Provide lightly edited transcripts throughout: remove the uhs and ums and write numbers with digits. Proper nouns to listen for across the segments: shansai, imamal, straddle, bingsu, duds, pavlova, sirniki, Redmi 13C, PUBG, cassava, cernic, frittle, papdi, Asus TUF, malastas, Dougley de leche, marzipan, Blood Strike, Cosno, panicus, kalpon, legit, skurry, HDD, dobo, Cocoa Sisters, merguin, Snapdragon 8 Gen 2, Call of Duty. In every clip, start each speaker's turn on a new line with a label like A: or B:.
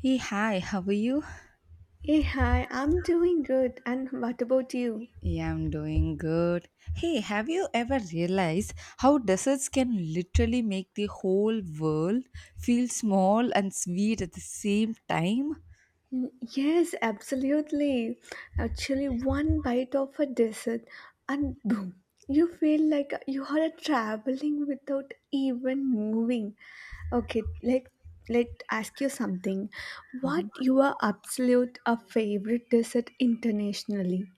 A: Hey, hi, how are you?
B: Hey, hi, I'm doing good. And what about you?
A: Yeah, I'm doing good. Hey, have you ever realized how deserts can literally make the whole world feel small and sweet at the same time?
B: Mm, yes, absolutely. Actually, one bite of a dessert, and boom, you feel like you are traveling without even moving. Okay, let let ask you something. What your absolute a favorite dessert internationally?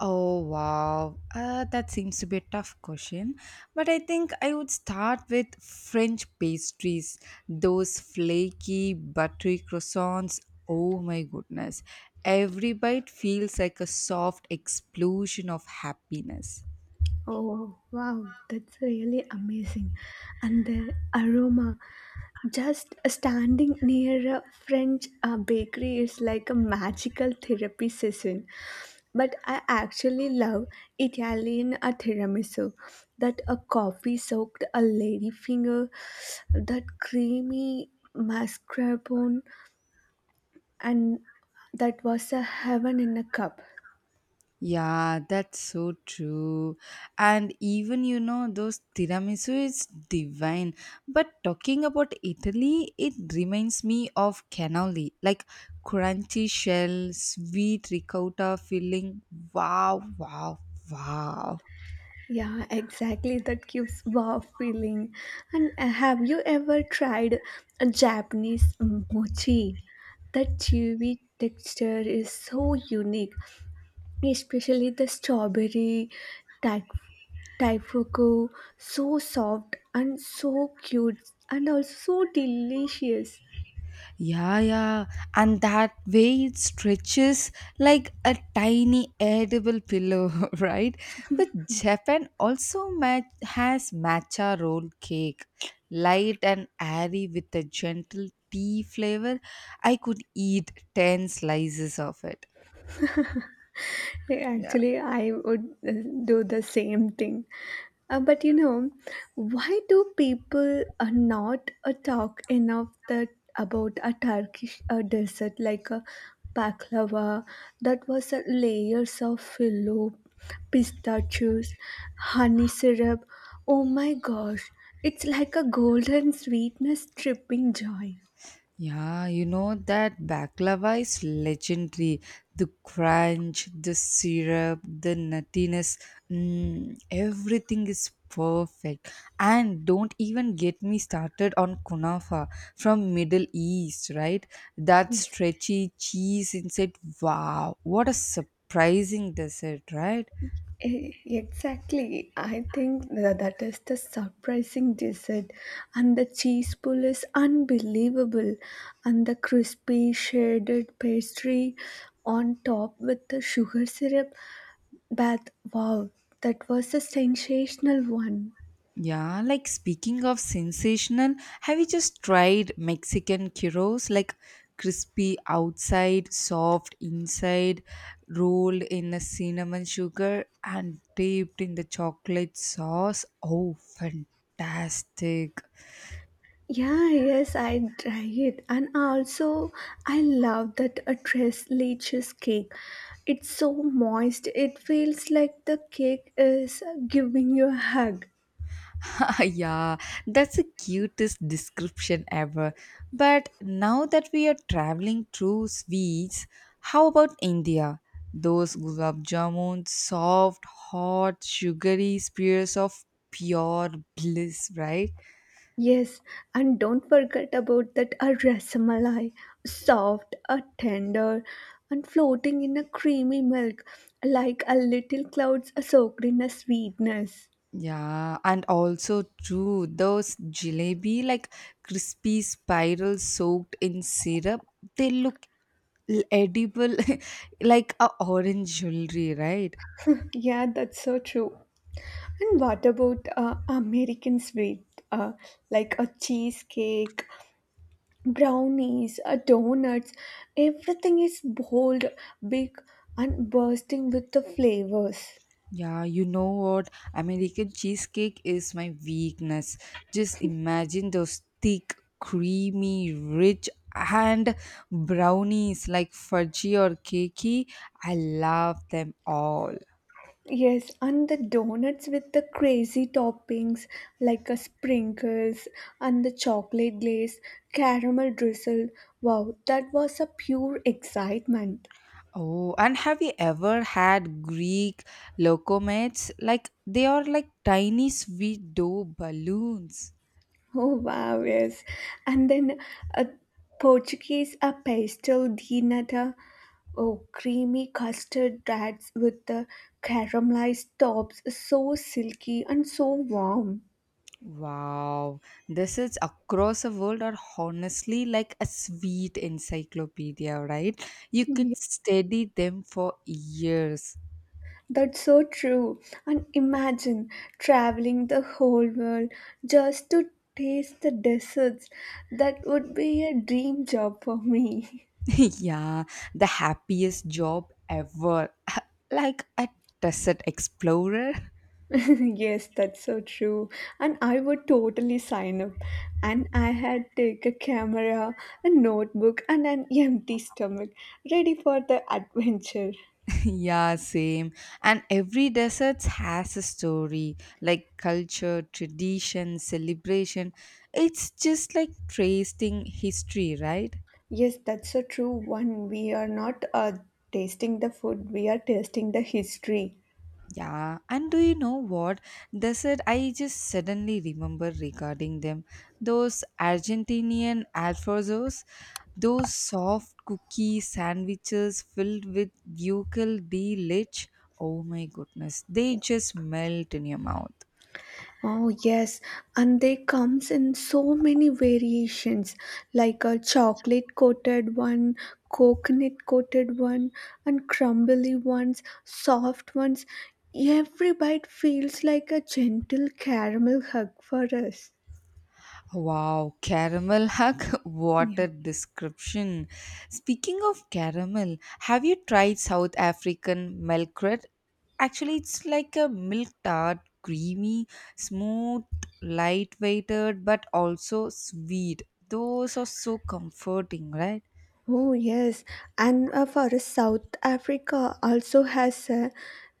A: Oh, wow. That seems to be a tough question. But I think I would start with French pastries, those flaky, buttery croissants. Oh, my goodness. Every bite feels like a soft explosion of happiness.
B: Oh, wow, that's really amazing. And the aroma, just standing near a French bakery is like a magical therapy session. But I actually love Italian tiramisu. That a coffee soaked a ladyfinger, that creamy mascarpone, and that was a heaven in a cup.
A: Yeah, that's so true. And even you know, those tiramisu is divine. But talking about Italy, it reminds me of cannoli, like crunchy shell, sweet ricotta filling. Wow, wow, wow.
B: Yeah, exactly. That gives wow feeling. And have you ever tried a Japanese mochi? That chewy texture is so unique, especially the strawberry type taifuku so soft and so cute and also so delicious.
A: Yeah, yeah. And that way it stretches like a tiny edible pillow, right? But Japan also has matcha roll cake, light and airy with a gentle tea flavor. I could eat 10 slices of it. Yeah.
B: Actually, I would do the same thing. But why do people not talk enough that about a Turkish dessert like a baklava that was layers of filo, pistachios, honey syrup? Oh my gosh, it's like a golden sweetness tripping joy.
A: Yeah, you know that baklava is legendary. The crunch, the syrup, the nuttiness, mm, everything is perfect. And don't even get me started on kunafa from Middle East, right? That
B: Yes.
A: stretchy cheese inside. Wow, what a surprising dessert, right?
B: Exactly. I think that is the surprising dessert. And the cheese pull is unbelievable. And the crispy shaded pastry on top with the sugar syrup bath. Wow, that was a sensational one.
A: Yeah, like speaking of sensational, have you just tried Mexican gyros? Like crispy outside, soft inside, rolled in a cinnamon sugar and dipped in the chocolate sauce. Oh, fantastic!
B: Yeah, yes, I try it. And also, I love that a tres leches cake. It's so moist. It feels like the cake is giving you a hug.
A: Ah yeah, that's the cutest description ever. But now that we are traveling through sweets, how about India? Those gulab jamun, soft, hot, sugary spheres of pure bliss, right?
B: Yes, and don't forget about that a rasamalai, soft, a tender, and floating in a creamy milk, like a little clouds soaked in a sweetness.
A: Yeah, and also too those jalebi, like crispy spirals soaked in syrup, they look edible, like a orange jewelry, right?
B: Yeah, that's so true. And what about American sweet, uh, like a cheesecake, brownies, donuts? Everything is bold, big, and bursting with the flavors.
A: Yeah, you know what? American cheesecake is my weakness. Just imagine those thick, creamy, rich, and brownies like fudgy or cakey. I love them all.
B: Yes, and the donuts with the crazy toppings like a sprinkles and the chocolate glaze, caramel drizzle. Wow, that was a pure excitement.
A: Oh, and have you ever had Greek locomotes? Like they are like tiny sweet dough balloons.
B: Oh wow, yes. And then a Portuguese a pastel de nata. Oh, creamy custard rats with the caramelized tops, so silky and so warm.
A: Wow, this is across the world are honestly like a sweet encyclopedia, right? You could study them for years.
B: That's so true. And imagine traveling the whole world just to taste the desserts. That would be a dream job for me.
A: yeah, the happiest job ever. like a desert explorer.
B: Yes, that's so true. And I would totally sign up. And I had take a camera, a notebook, and an empty stomach, ready for the adventure.
A: yeah, same. And every desert has a story like culture, tradition, celebration. It's just like tracing history, right?
B: Yes, that's so true. One, we are not tasting the food, we are tasting the history.
A: Yeah, and do you know what? Desert, I just suddenly remember regarding them. Those Argentinian alfajores, those soft cookie sandwiches filled with buccal de leche. Oh my goodness, they just melt in your mouth.
B: Oh, yes, and they comes in so many variations like a chocolate coated one, coconut coated one, and crumbly ones, soft ones. Every bite feels like a gentle caramel hug for us.
A: Wow, caramel hug, what
B: Yeah.
A: a description. Speaking of caramel, have you tried South African milk bread? Actually, it's like a milk tart, creamy, smooth, lightweighted, but also sweet. Those are so comforting, right?
B: Oh, yes. And for us, South Africa also has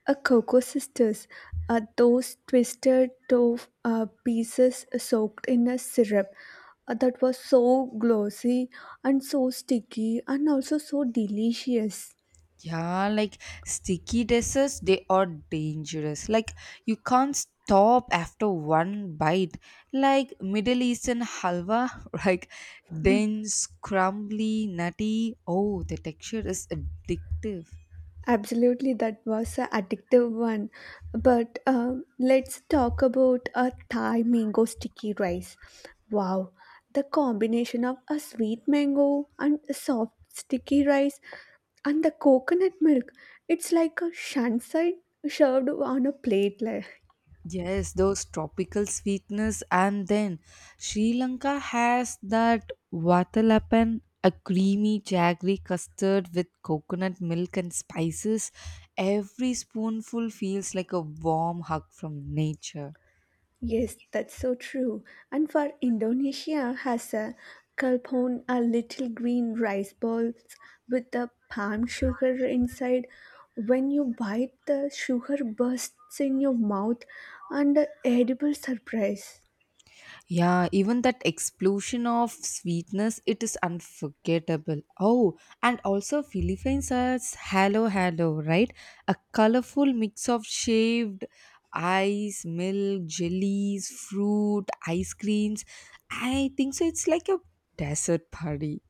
B: a Cocoa Sisters, those twisted tofu pieces soaked in a syrup that was so glossy and so sticky and also so delicious.
A: Yeah, like sticky desserts, they are dangerous. Like you can't stop after one bite. Like Middle Eastern halwa, like dense, crumbly, nutty. Oh, the texture is addictive.
B: Absolutely, that was an addictive one. But let's talk about a Thai mango sticky rice. Wow, the combination of a sweet mango and a soft sticky rice and the coconut milk. It's like a shansai served on a plate.
A: Yes, those tropical sweetness, and then Sri Lanka has that vatalapan, a creamy jaggery custard with coconut milk and spices. Every spoonful feels like a warm hug from nature.
B: Yes, that's so true. And for Indonesia has a kalpon, a little green rice balls with the palm sugar inside. When you bite, the sugar bursts in your mouth and a edible surprise.
A: Yeah, even that explosion of sweetness, it is unforgettable. Oh, and also Philippines has halo halo, right? A colorful mix of shaved ice, milk, jellies, fruit, ice creams. I think so. It's like a desert party.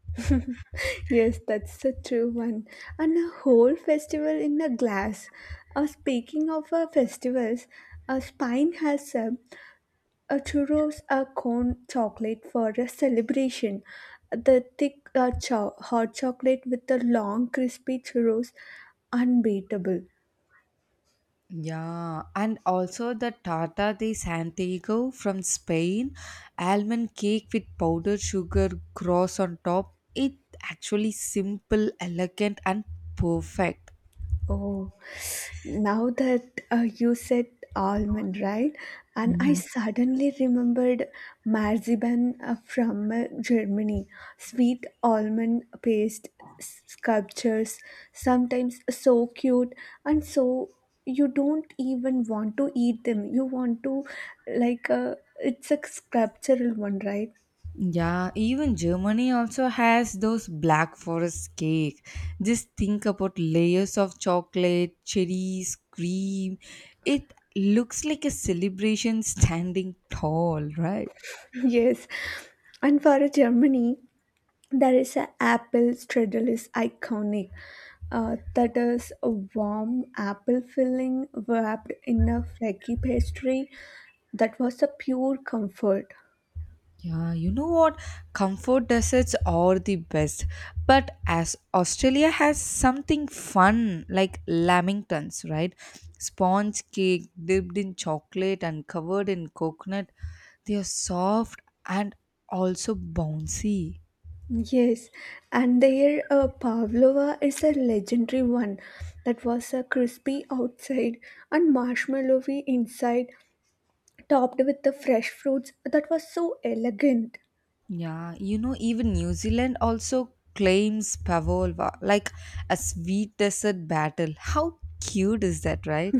B: Yes, that's a true one. And a whole festival in a glass. Speaking of festivals, a spine has a churros are corn chocolate for a celebration. The thick hot chocolate with the long crispy churros, unbeatable.
A: Yeah, and also the Tata de Santiago from Spain, almond cake with powdered sugar cross on top. It actually simple, elegant, and perfect.
B: Oh, now that you said almond, right? And I
A: Mhm.
B: suddenly remembered marzipan from Germany. Sweet almond paste sculptures, sometimes so cute and so you don't even want to eat them. You want to like it's a sculptural one, right?
A: Yeah, even Germany also has those black forest cake. Just think about layers of chocolate, cherries, cream. It looks like a celebration standing tall, right?
B: Yes. And for Germany, there is a apple straddle is iconic. That is a warm apple filling wrapped in a flaky pastry. That was a pure comfort.
A: Yeah, you know what? Comfort deserts are the best. But as Australia has something fun like lamingtons, right? Sponge cake dipped in chocolate and covered in coconut. They are soft and also bouncy.
B: Yes, and their pavlova is a legendary one. That was a crispy outside and marshmallowy inside, topped with the fresh fruits. That was so elegant.
A: Yeah, you know, even New Zealand also claims pavlova like a sweet dessert battle. How cute is that, right?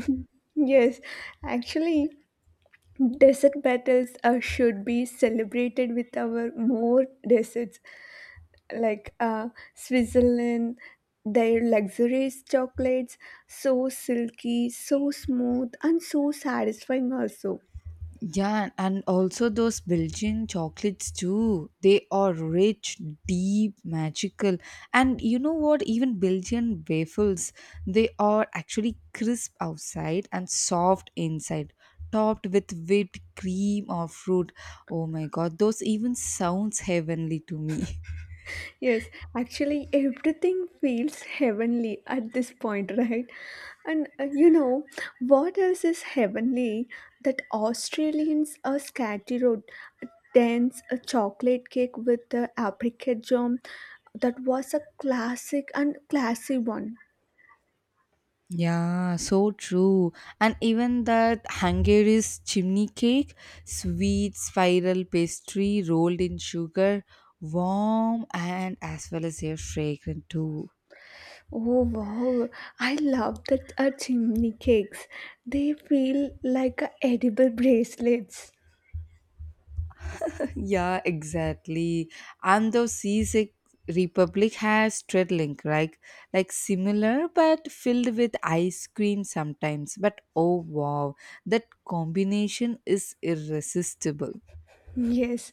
B: Yes, actually, desert battles should be celebrated with our more deserts like Switzerland, their luxurious chocolates, so silky, so smooth, and so satisfying also.
A: Yeah, and also those Belgian chocolates too. They are rich, deep, magical. And you know what? Even Belgian waffles, they are actually crisp outside and soft inside, topped with whipped cream or fruit. Oh my god, those even sounds heavenly to me.
B: Yes, actually, everything feels heavenly at this point, right? And what else is heavenly that Australians are scattered, a dense a chocolate cake with the apricot jam that was a classic and classy one.
A: Yeah, so true. And even that Hungary's chimney cake, sweet spiral pastry rolled in sugar, warm and as well as air fragrant too.
B: Oh wow, I love that chimney cakes. They feel like edible bracelets.
A: yeah, exactly. And the Czech Republic has Treadlink, right? Like similar but filled with ice cream sometimes. But oh wow, that combination is irresistible.
B: Yes,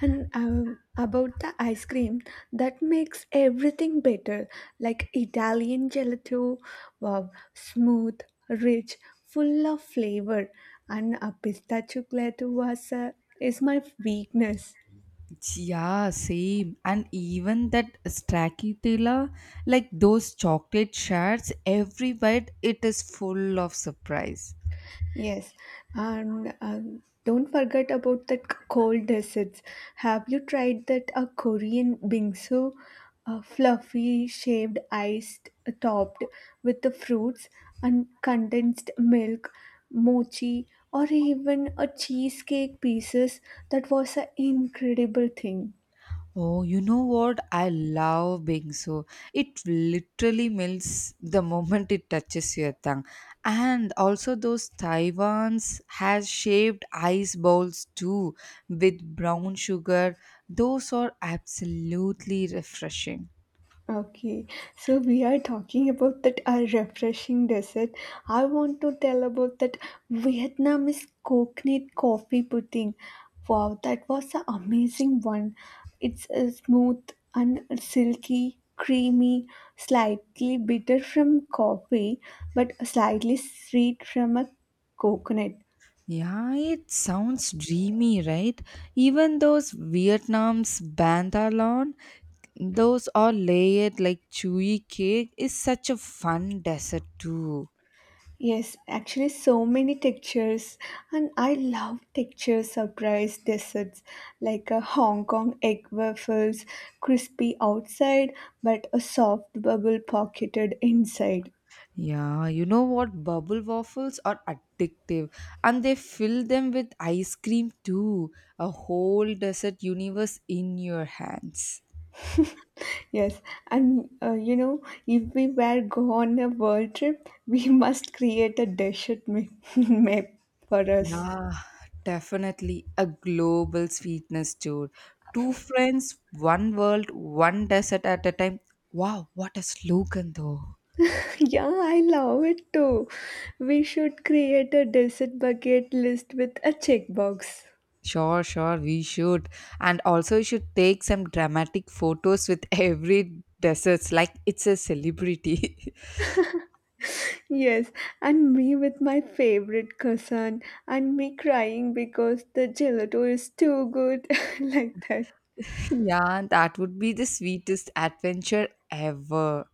B: and about the ice cream, that makes everything better. Like Italian gelato, wow, smooth, rich, full of flavor, and a pistachio gelato was is my weakness.
A: Yeah, same. And even that stracciatella, like those chocolate shards, everywhere it is full of surprise.
B: Yes, and don't forget about that cold desserts. Have you tried that a Korean bingsu, fluffy shaved iced topped with the fruits and condensed milk, mochi, or even a cheesecake pieces? That was an incredible thing.
A: Oh, you know what? I love bingsu. It literally melts the moment it touches your tongue. And also those Taiwan's has shaped ice bowls too with brown sugar. Those are absolutely refreshing.
B: Okay, so we are talking about that a refreshing dessert. I want to tell about that Vietnamese coconut coffee pudding. Wow, that was an amazing one. It's smooth and silky, creamy, slightly bitter from coffee, but slightly sweet from a coconut.
A: Yeah, it sounds dreamy, right? Even those Vietnam's bantalon, those are layered like chewy cake is such a fun dessert too.
B: Yes, actually, so many textures, and I love texture surprise desserts like a Hong Kong egg waffles, crispy outside but a soft bubble pocketed inside.
A: Yeah, you know what? Bubble waffles are addictive and they fill them with ice cream too. A whole dessert universe in your hands.
B: Yes, and if we were go on a world trip, we must create a desert map for us.
A: Yeah, definitely a global sweetness tour. Two friends, one world, one desert at a time. Wow, what a slogan though.
B: Yeah, I love it too. We should create a desert bucket list with a checkbox.
A: Sure, sure, we should. And also, you should take some dramatic photos with every deserts like it's a celebrity.
B: Yes, and me with my favorite cousin, and me crying because the gelato is too good, like that.
A: yeah, that would be the sweetest adventure ever.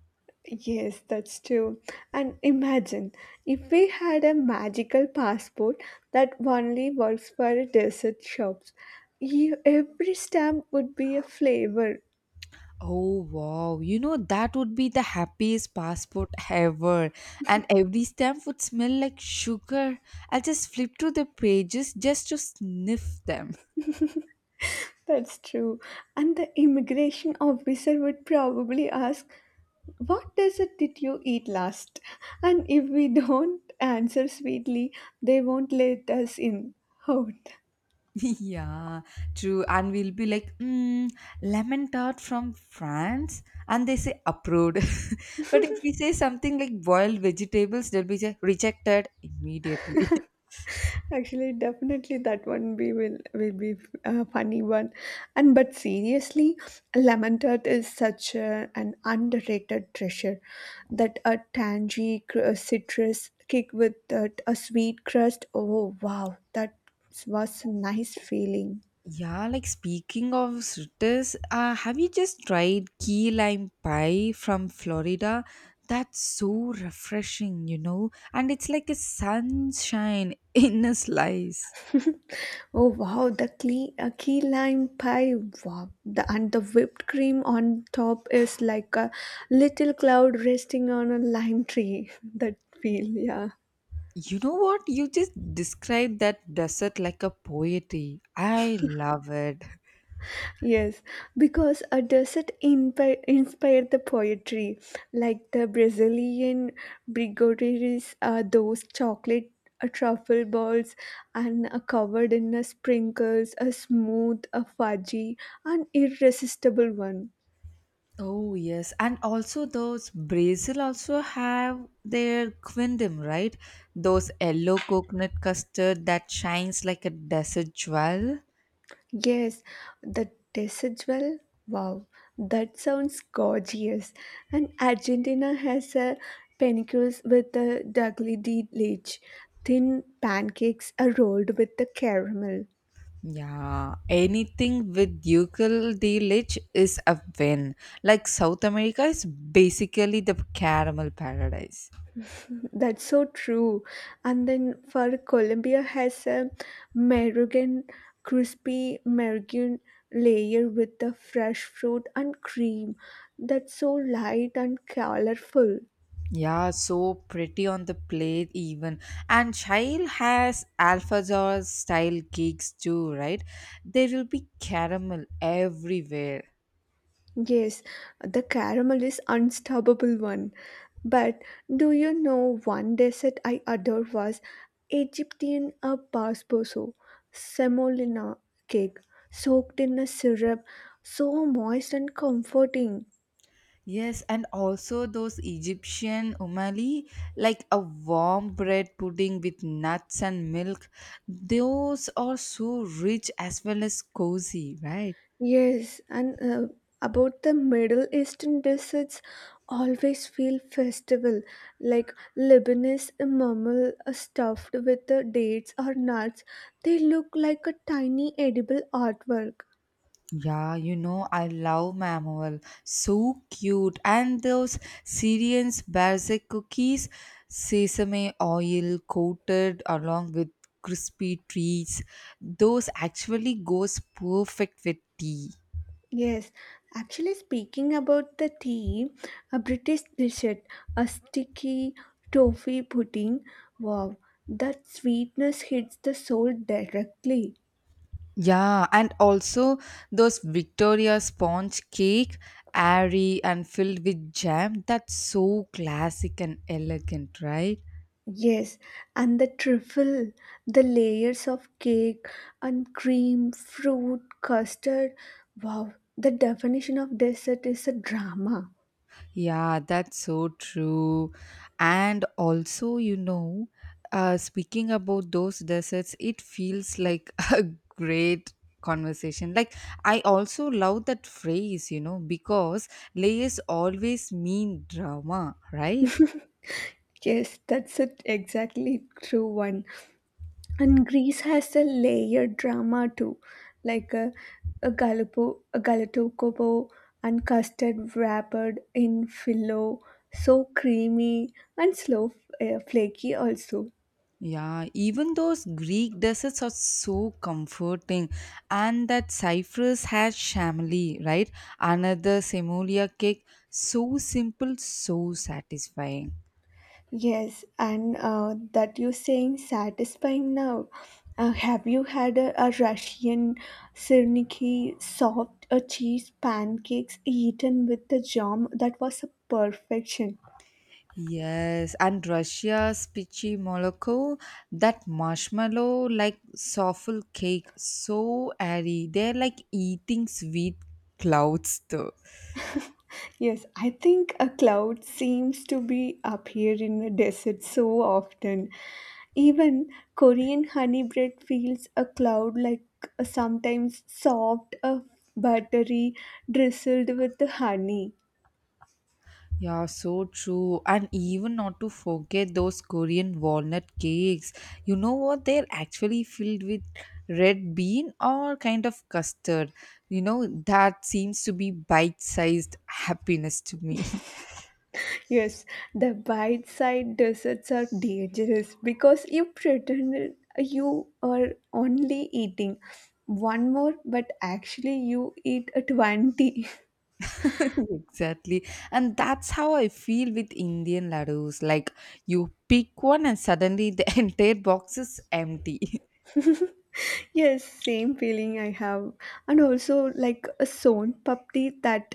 B: Yes, that's true. And imagine if we had a magical passport that only works for dessert shops, you, every stamp would be a flavor.
A: Oh wow, you know that would be the happiest passport ever, and every stamp would smell like sugar. I'll just flip through the pages just to sniff them.
B: That's true. And the immigration officer would probably ask, what dessert did you eat last? And if we don't answer sweetly, they won't let us in. Out.
A: yeah, true. And we'll be like, mm, lemon tart from France, and they say approved. but if we say something like boiled vegetables, they'll be just rejected immediately.
B: Actually, definitely that one we will be a funny one, and but seriously, lemon tart is such an underrated treasure. That a tangy citrus kick with that, a sweet crust. Oh wow, that was a nice feeling.
A: Yeah, like speaking of sweetness, have you just tried key lime pie from Florida? That's so refreshing, you know, and it's like a sunshine in a slice.
B: Oh wow, the key lime pie. Wow, the and the whipped cream on top is like a little cloud resting on a lime tree. That feel, yeah,
A: You know what? You just described that dessert like a poetry. I love it.
B: yes, because a desert inpi inspired the poetry, like the Brazilian brigadeiros, those chocolate truffle balls and covered in sprinkles, a smooth, a fudgy, an irresistible one.
A: Oh yes, and also those Brazil also have their quindim, right? Those yellow coconut custard that shines like a desert jewel.
B: Yes, the decidual. Wow, that sounds gorgeous. And Argentina has a panicus with a Dougley de leche. Thin pancakes are rolled with the caramel.
A: Yeah, anything with Yucal de Lich is a win. Like South America is basically the caramel paradise.
B: That's so true. And then for Colombia has a merguin, crispy merguin layer with the fresh fruit and cream. That's so light and colorful.
A: Yeah, so pretty on the plate even. And Shail has Alfazor style cakes too, right? There will be caramel everywhere.
B: Yes, the caramel is unstoppable one. But do you know one dessert I adore was Egyptian a basboso, semolina cake, soaked in a syrup, so moist and comforting.
A: Yes, and also those Egyptian umali, like a warm bread pudding with nuts and milk, those are so rich as well as cozy, right?
B: Yes, and about the Middle Eastern desserts, always feel festival, like Lebanese imamal stuffed with dates or nuts. They look like a tiny edible artwork.
A: Yeah, you know, I love mammal. So cute. And those Syrian's barzak cookies, sesame oil coated along with crispy treats, those actually goes perfect with tea.
B: Yes, actually speaking about the tea, a British dessert, a sticky toffee pudding. Wow, that sweetness hits the soul directly.
A: Yeah, and also those Victoria sponge cake, airy and filled with jam. That's so classic and elegant, right?
B: Yes, and the truffle, the layers of cake and cream, fruit, custard. Wow, the definition of dessert is a drama.
A: Yeah, that's so true. And also, you know, speaking about those desserts, it feels like a great conversation. Like, I also love that phrase, you know, because layers always mean drama, right?
B: Yes, that's it, exactly true one. And Greece has a layered drama too, like a galatokopo, and custard wrapped in filo, so creamy and slow, flaky also.
A: Yeah, even those Greek desserts are so comforting. And that cypress has chamely, right? Another semolia cake, so simple, so satisfying.
B: Yes, and that you saying satisfying now. Have you had a Russian sirniki soft cheese pancakes eaten with the jam? That was a perfection.
A: Yes, and Russia's Pichi Moloko, that marshmallow like soffle cake, so airy. They're like eating sweet clouds though.
B: Yes, I think a cloud seems to be up here in the desert so often. Even Korean honey bread feels a cloud like sometimes soft, buttery, drizzled with the honey.
A: Yeah, so true. And even not to forget those Korean walnut cakes. You know what? They're actually filled with red bean or kind of custard. You know, that seems to be bite sized happiness to me.
B: Yes, the bite sized desserts are dangerous because you pretend you are only eating one more, but actually you eat a 20.
A: exactly. And that's how I feel with Indian laddus. Like, you pick one and suddenly the entire box is empty.
B: Yes, same feeling I have. And also, like a sown papdi, that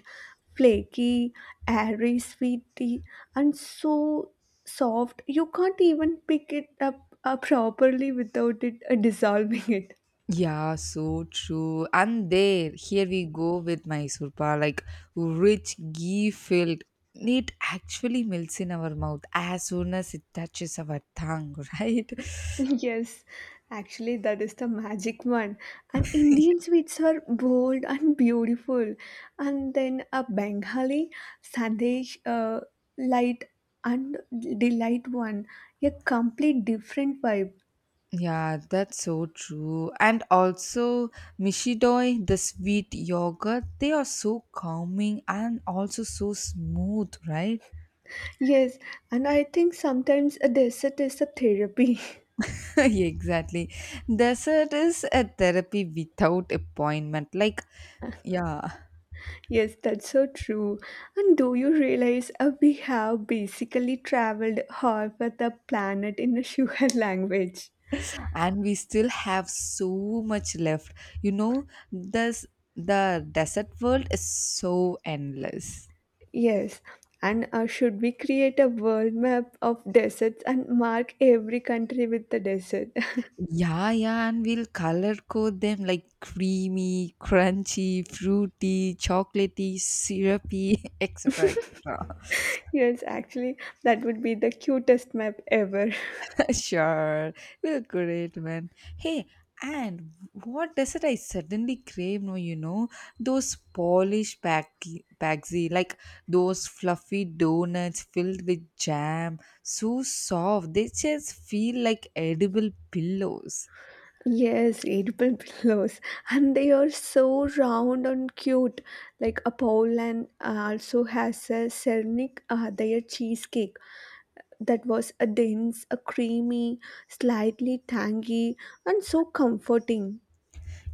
B: flaky, airy, sweety, and so soft you can't even pick it up properly without it dissolving it.
A: Yeah, so true. And there, here we go with Mysore Pak, like rich ghee filled. It actually melts in our mouth as soon as it touches our tongue, right?
B: Yes, actually, that is the magic one. And Indian sweets are bold and beautiful. And then a Bengali sandesh, light and delight one, a complete different vibe.
A: Yeah, that's so true. And also, Mishidoi, the sweet yogurt, they are so calming and also so smooth, right?
B: Yes, and I think sometimes a dessert is a therapy.
A: exactly. Dessert is a therapy without appointment. Like, yeah.
B: Yes, that's so true. And do you realize we have basically traveled half of the planet in a sugar language?
A: And we still have so much left, you know, this the desert world is so endless.
B: Yes, and should we create a world map of deserts and mark every country with the desert?
A: Yeah, yeah, and we'll color code them like creamy, crunchy, fruity, chocolatey, syrupy, etc, etc.
B: Yes, actually, that would be the cutest map ever.
A: Sure, we'll create one. Hey, and what dessert I suddenly crave now, you know? Those Polish packy, paxi, like those fluffy donuts filled with jam, so soft, they just feel like edible pillows.
B: Yes, edible pillows, and they are so round and cute. Like a Poland also has a cernic, their cheesecake that was a dense, a creamy, slightly tangy, and so comforting.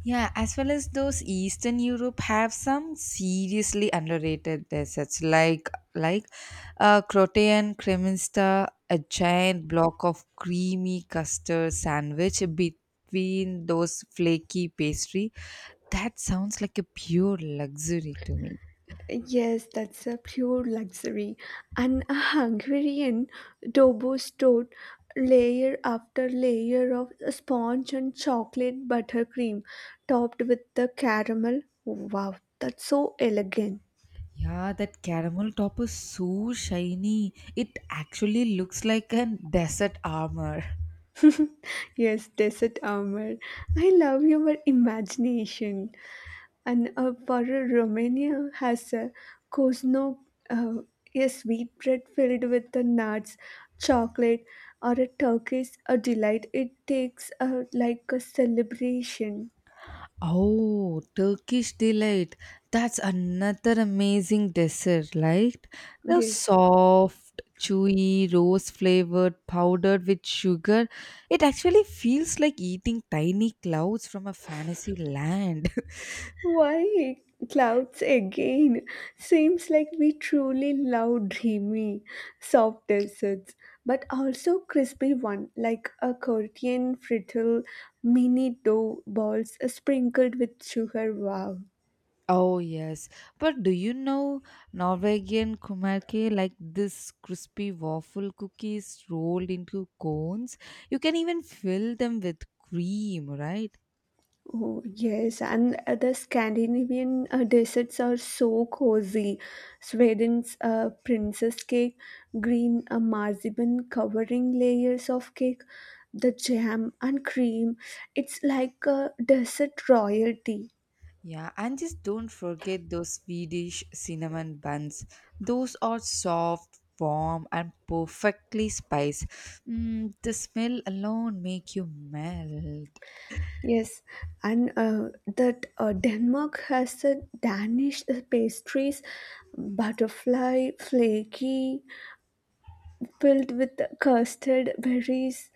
A: Yeah, as well as those Eastern Europe have some seriously underrated desserts like like Croatian Kremensta, a giant block of creamy custard sandwich between those flaky pastry. That sounds like a pure luxury to me.
B: Yes, that's a pure luxury. And a Hungarian dobo stored layer after layer of sponge and chocolate buttercream topped with the caramel. Wow, that's so elegant.
A: Yeah, that caramel top is so shiny. It actually looks like a desert armor.
B: Yes, desert armor. I love your imagination. And for Romania has a Cosno, uh, a sweet bread filled with the nuts, chocolate, or a Turkish a delight. It takes like a celebration.
A: Oh, Turkish delight. That's another amazing dessert, right? The
B: Yes.
A: soft, chewy, rose flavored, powdered with sugar. It actually feels like eating tiny clouds from a fantasy land.
B: Why clouds again? Seems like we truly love dreamy, soft desserts, but also crispy one like a Korean frittle mini dough balls sprinkled with sugar. Wow.
A: Oh, yes. But do you know Norwegian kumarke, like this crispy waffle cookies rolled into cones? You can even fill them with cream, right?
B: Oh, yes, and the Scandinavian desserts are so cozy. Sweden's princess cake, green marzipan covering layers of cake, the jam and cream. It's like a dessert royalty.
A: Yeah, and just don't forget those Swedish cinnamon buns. Those are soft, warm, and perfectly spiced. Mm, the smell alone make you melt.
B: Yes, and that Denmark has the Danish pastries, butterfly, flaky, filled with custard, berries,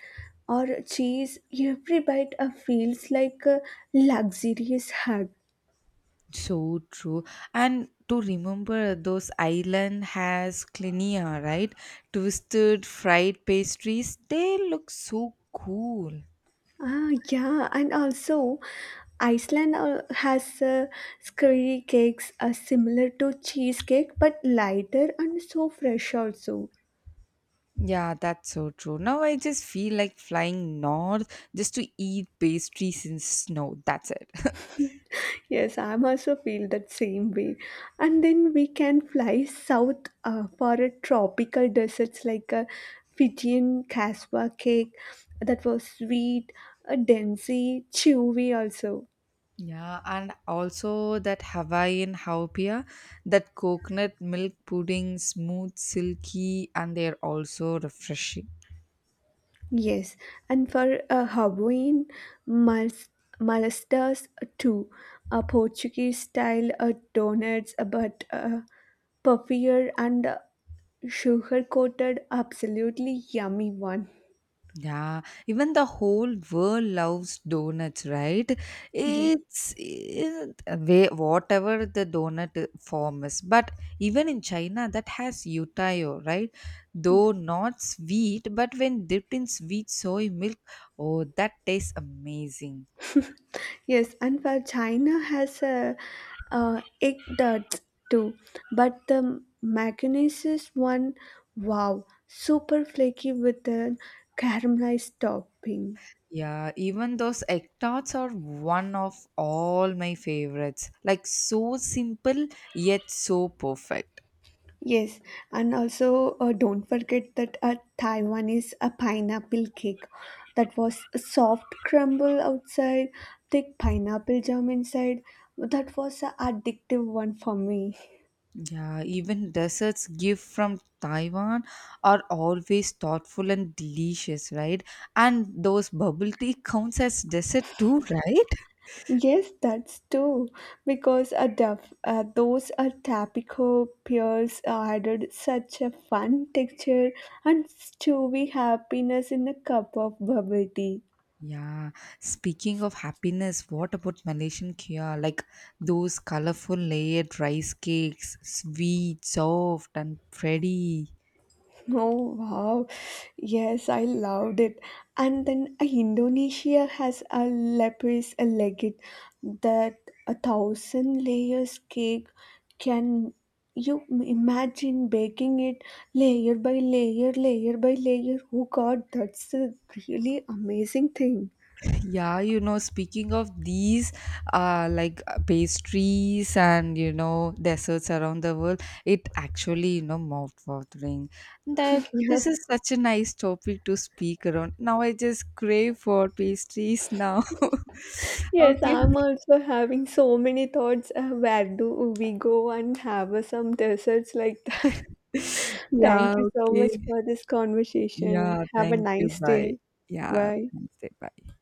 B: or cheese. Every bite feels like a luxurious hug.
A: So true. And to remember those island has clinia, right? Twisted fried pastries. They look so cool.
B: Ah, yeah, and also Iceland has skurry cakes similar to cheesecake but lighter and so fresh also.
A: Yeah, that's so true. Now I just feel like flying north just to eat pastries in snow. That's it.
B: Yes, I'm also feel that same way. And then we can fly south for a tropical deserts like a Fijian cassava cake that was sweet, a densey, chewy also.
A: Yeah, and also that Hawaiian haupia, that coconut milk pudding, smooth, silky, and they're also refreshing.
B: Yes, and for a Hawaiian mas- malastas too, a Portuguese style donuts, but puffier and sugar coated, absolutely yummy one.
A: Yeah, even the whole world loves donuts, right?
B: Yes.
A: It's it, way whatever the donut form is, but even in China, that has yutayo, right?
B: Yeah.
A: Though not sweet, but when dipped in sweet soy milk, oh, that tastes amazing.
B: Yes, and for China has a egg duds too, but the mayonnaise one, wow, super flaky with a caramelized topping.
A: Yeah, even those egg tarts are one of all my favorites. Like so simple yet so perfect.
B: Yes, and also don't forget that a Taiwan is a pineapple cake that was a soft crumble outside, thick pineapple jam inside. That was an addictive one for me.
A: Yeah, even desserts gift from Taiwan are always thoughtful and delicious, right? And those bubble tea counts as dessert too, right?
B: Yes, that's true. Because a duff, those are Tapico pears added such a fun texture and stewy happiness in a cup of bubble tea.
A: Yeah. Speaking of happiness, what about Malaysian kaya? Like those colorful layered rice cakes, sweet, soft, and pretty.
B: Oh wow, yes, I loved it. And then Indonesia has a lepis a legit that a thousand layers cake can you imagine baking it layer by layer, layer by layer. Oh God, that's a really amazing thing.
A: Yeah, you know, speaking of these, like pastries and you know desserts around the world, it actually you know mouth-watering. That
B: Yeah.
A: this is such a nice topic to speak around. Now I just crave for pastries now.
B: Yes,
A: Okay.
B: I'm also having so many thoughts. Where do we go and have some desserts like that?
A: Yeah.
B: Thank you so
A: Okay.
B: much for this conversation.
A: Yeah.
B: Have a
A: Thank you.
B: nice
A: Bye.
B: day.
A: Yeah.
B: Bye.
A: Thanks. Bye.